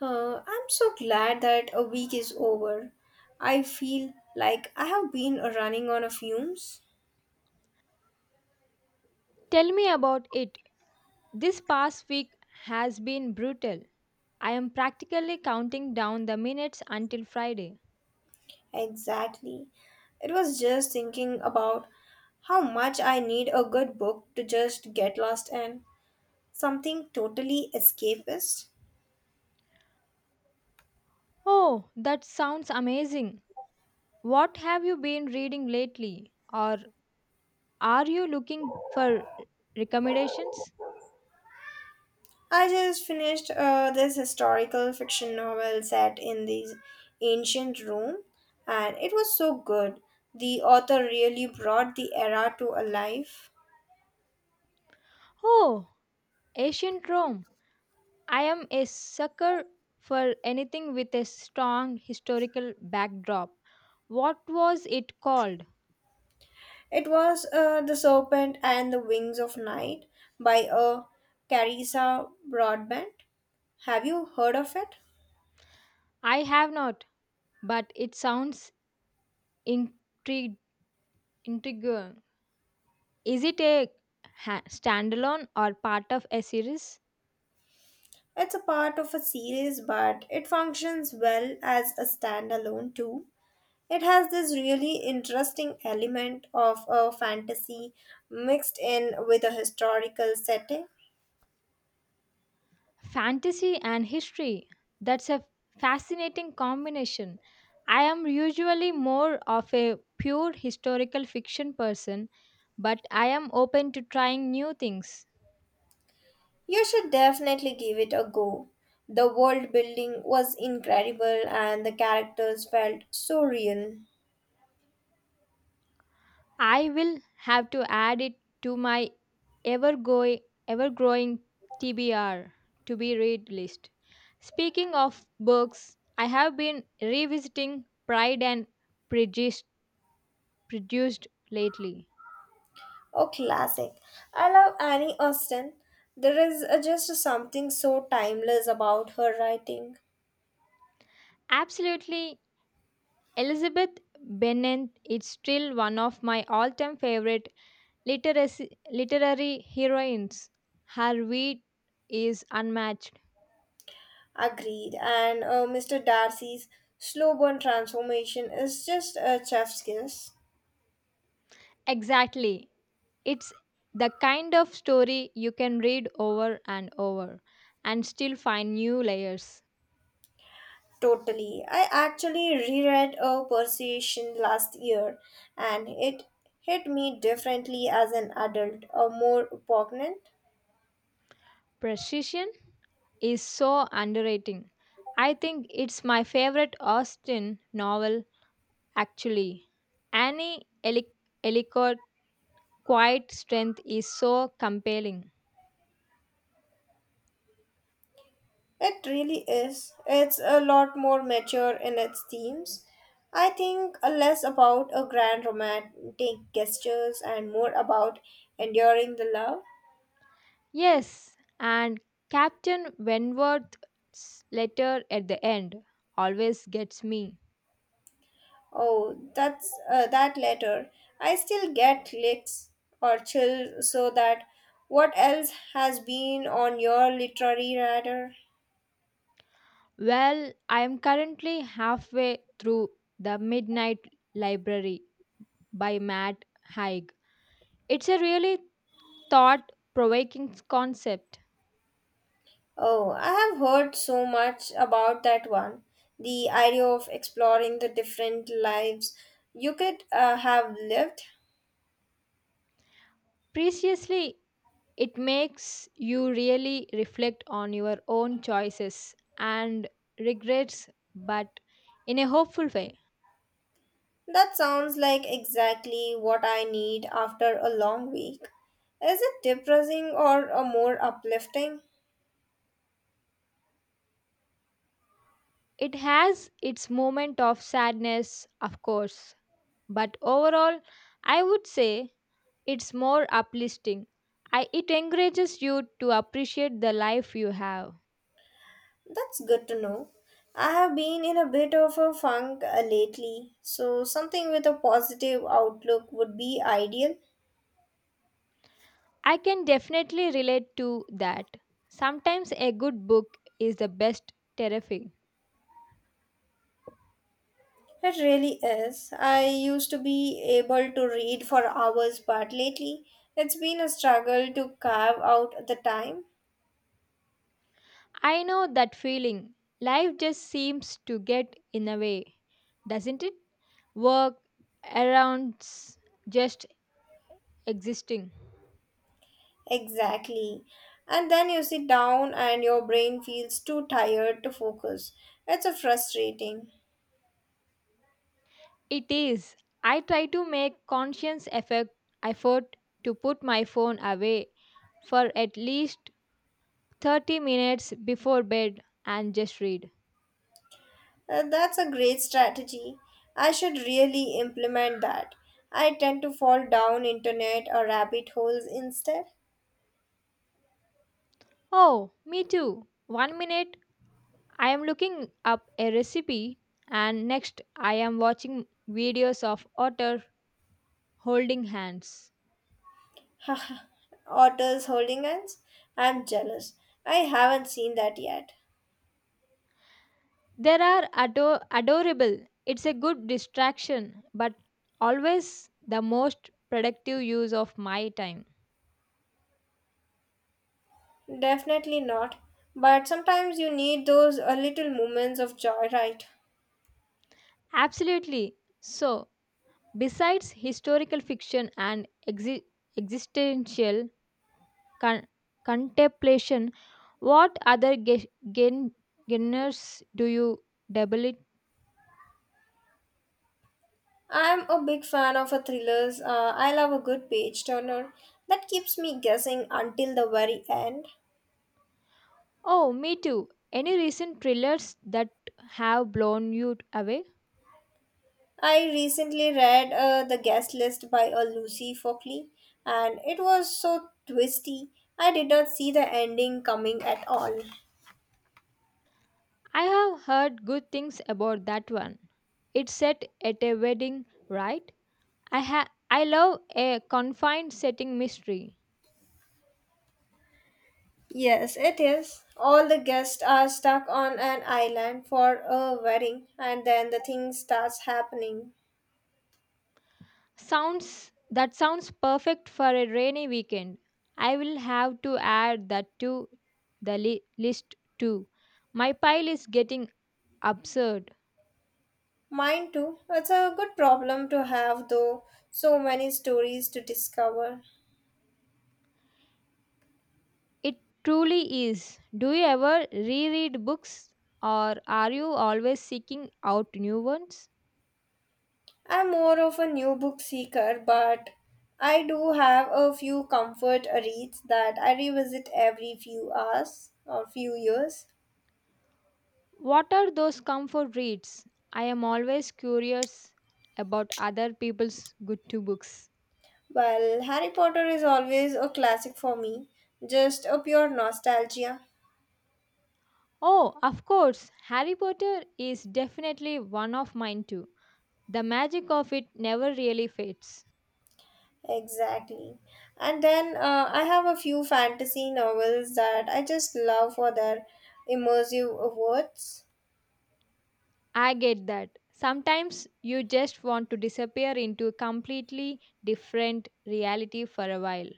I'm so glad that a week is over. I feel like I have been running on a fumes. Tell me about it. This past week has been brutal. I am practically counting down the minutes until Friday. Exactly. It was just thinking about how much I need a good book to just get lost in. Something totally escapist. Oh, that sounds amazing. What have you been reading lately? Or are you looking for recommendations? I just finished this historical fiction novel set in this ancient Rome, and it was so good. The author really brought the era to alive. Oh, ancient Rome. I am a sucker for anything with a strong historical backdrop. What was it called? It was The Serpent and the Wings of Night by Carissa Broadbent. Have you heard of it? I have not, but it sounds intriguing. Intrigue. Is it a standalone or part of a series? It's a part of a series, but it functions well as a standalone too. It has this really interesting element of a fantasy mixed in with a historical setting. Fantasy and history. That's a fascinating combination. I am usually more of a pure historical fiction person, but I am open to trying new things. You should definitely give it a go. The world building was incredible and the characters felt so real. I will have to add it to my ever going ever growing TBR to be read list. Speaking of books, I have been revisiting Pride and Prejudice produced lately. Oh, classic. I love Annie Austen. There is just something so timeless about her writing. Absolutely, Elizabeth Bennet is still one of my all-time favorite literary heroines. Her wit is unmatched. Agreed. And Mr. Darcy's slow burn transformation is just a chef's kiss. Exactly. It's the kind of story you can read over and over and still find new layers. Totally. I actually reread A Persuasion last year and it hit me differently as an adult, a more poignant. Precision is so underrating. I think it's my favorite Austen novel, actually. Annie Eli- Ellicott's quiet strength is so compelling. It really is. It's a lot more mature in its themes. I think less about a grand romantic gestures and more about enduring the love. Yes, and Captain Wentworth's letter at the end always gets me. Oh, that's that letter. I still get clicks or chills. So that what else has been on your literary radar? Well, I am currently halfway through The Midnight Library by Matt Haig. It's a really thought provoking concept. Oh, I have heard so much about that one. The idea of exploring the different lives you could have lived. Preciously, it makes you really reflect on your own choices and regrets, but in a hopeful way. That sounds like exactly what I need after a long week. Is it depressing or a more uplifting? It has its moment of sadness, of course, but overall, I would say it's more uplifting. It encourages you to appreciate the life you have. That's good to know. I have been in a bit of a funk lately, so something with a positive outlook would be ideal. I can definitely relate to that. Sometimes a good book is the best terrifying. It really is. I used to be able to read for hours, but lately it's been a struggle to carve out the time. I know that feeling. Life just seems to get in a way, doesn't it? Work around s- just existing. Exactly. And then you sit down and your brain feels too tired to focus. It's a frustrating. It is. I try to make conscious effort to put my phone away for at least 30 minutes before bed and just read. That's a great strategy. I should really implement that. I tend to fall down internet or rabbit holes instead. Oh, me too. One minute I am looking up a recipe, and next I am watching videos of otter holding hands. Haha. Otters holding hands? I'm jealous. I haven't seen that yet. There are adorable. It's a good distraction, but always the most productive use of my time. Definitely not. But sometimes you need those a little moments of joy, right? Absolutely. So, besides historical fiction and existential con- contemplation. What other genres do you dabble in? I'm a big fan of a thrillers. I love a good page turner that keeps me guessing until the very end. Oh, me too. Any recent thrillers that have blown you away? I recently read The Guest List by Lucy Fockley, and it was so twisty. I did not see the ending coming at all. I have heard good things about that one. It's set at a wedding, right? I love a confined setting mystery. Yes, it is. All the guests are stuck on an island for a wedding, and then the thing starts happening. Sounds that sounds perfect for a rainy weekend. I will have to add that to the list too. My pile is getting absurd. Mine too. It's a good problem to have, though, so many stories to discover. It truly is. Do you ever reread books or are you always seeking out new ones? I'm more of a new book seeker, but I do have a few comfort reads that I revisit every few hours or few years. What are those comfort reads? I am always curious about other people's good to books. Well, Harry Potter is always a classic for me, just a pure nostalgia. Oh, of course, Harry Potter is definitely one of mine too. The magic of it never really fades. Exactly. And then I have a few fantasy novels that I just love for their immersive words. I get that. Sometimes you just want to disappear into a completely different reality for a while.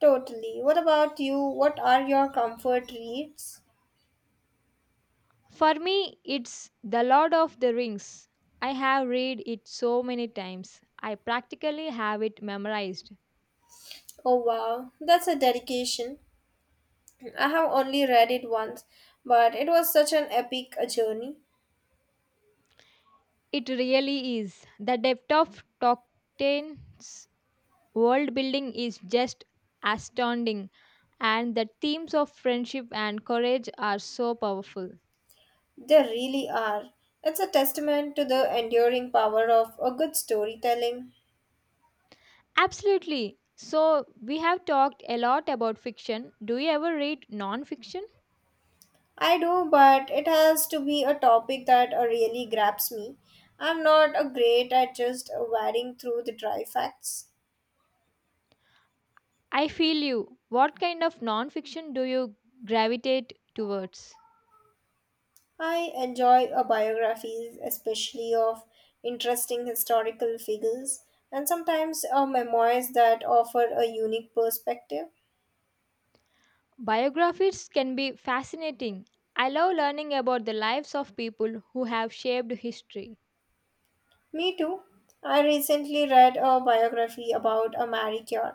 Totally. What about you? What are your comfort reads? For me, it's The Lord of the Rings. I have read it so many times. I practically have it memorized. Oh wow, that's a dedication. I have only read it once, but it was such an epic journey. It really is. The depth of Tolkien's world building is just astounding, and the themes of friendship and courage are so powerful. They really are. It's a testament to the enduring power of a good storytelling. Absolutely. So, we have talked a lot about fiction. Do you ever read non fiction? I do, but it has to be a topic that really grabs me. I'm not a great at just wading through the dry facts. I feel you. What kind of non fiction do you gravitate towards? I enjoy biographies, especially of interesting historical figures, and sometimes memoirs that offer a unique perspective. Biographies can be fascinating. I love learning about the lives of people who have shaped history. Me too. I recently read a biography about a Marie Curie,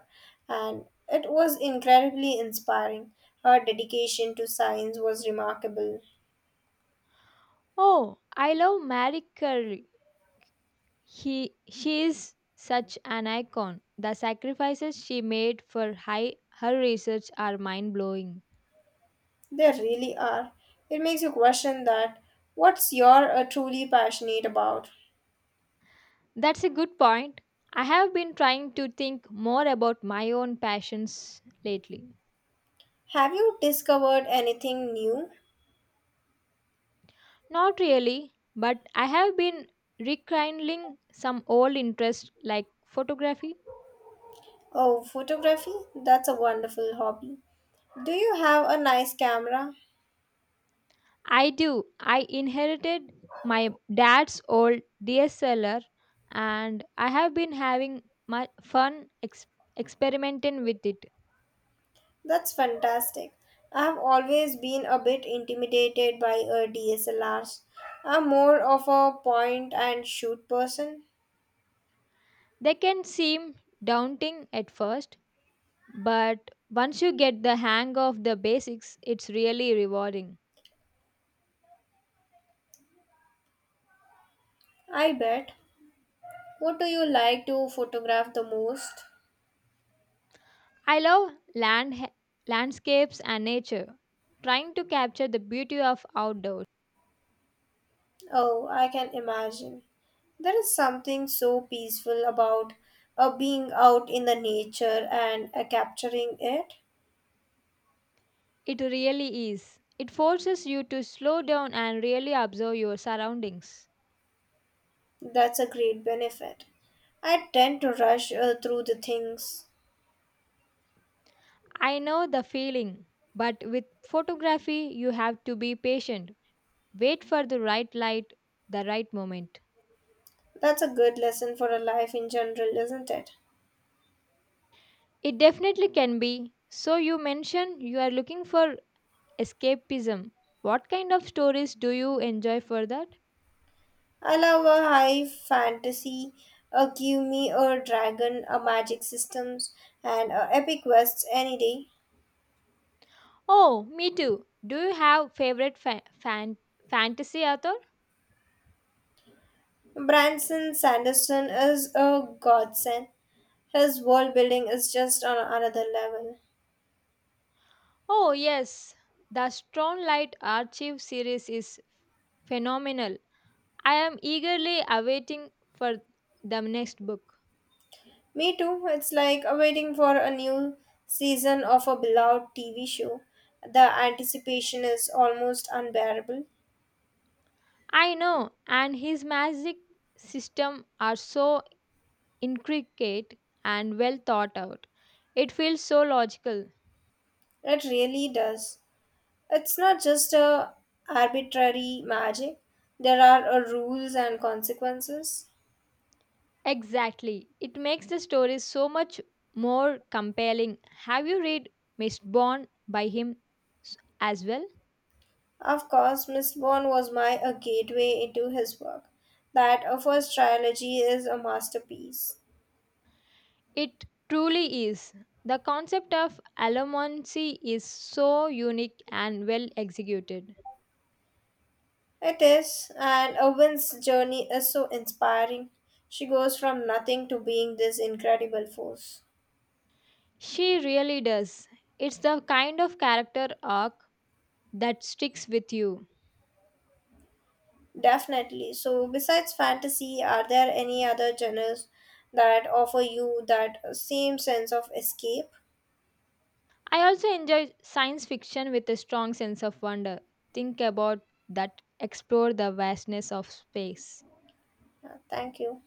and it was incredibly inspiring. Her dedication to science was remarkable. Oh, I love Marie Curie. She is such an icon. The sacrifices she made for her research are mind blowing. They really are. It makes you question that what's you're truly passionate about. That's a good point. I have been trying to think more about my own passions lately. Have you discovered anything new? Not really, but I have been rekindling some old interests like photography. Oh, photography? That's a wonderful hobby. Do you have a nice camera? I do. I inherited my dad's old DSLR and I have been having much fun experimenting with it. That's fantastic. I've always been a bit intimidated by DSLRs. I'm more of a point and shoot person. They can seem daunting at first, but once you get the hang of the basics, it's really rewarding. I bet. What do you like to photograph the most? I love landscapes and nature. Trying to capture the beauty of outdoors. Oh, I can imagine. There is something so peaceful about being out in the nature and capturing it. It really is. It forces you to slow down and really observe your surroundings. That's a great benefit. I tend to rush through the things. I know the feeling, but with photography, you have to be patient. Wait for the right light, the right moment. That's a good lesson for a life in general, isn't it? It definitely can be. So, you mentioned you are looking for escapism. What kind of stories do you enjoy for that? I love a high fantasy, a give me a dragon, a magic systems, and a epic quests any day. Oh, me too. Do you have favorite fantasy author? Branson Sanderson is a godsend. His world building is just on another level. Oh, yes. The Strong Light Archive series is phenomenal. I am eagerly awaiting for the next book. Me too. It's like waiting for a new season of a beloved TV show. The anticipation is almost unbearable. I know, and his magic system are so intricate and well thought out. It feels so logical. It really does. It's not just a arbitrary magic. There are rules and consequences. Exactly. It makes the story so much more compelling. Have you read Mistborn by him as well? Of course, Miss Bond was my a gateway into his work. That first trilogy is a masterpiece. It truly is. The concept of allomancy is so unique and well executed. It is, and Owen's journey is so inspiring. She goes from nothing to being this incredible force. She really does. It's the kind of character arc that sticks with you. Definitely. So, besides fantasy, are there any other genres that offer you that same sense of escape? I also enjoy science fiction with a strong sense of wonder. Think about that, explore the vastness of space. Thank you.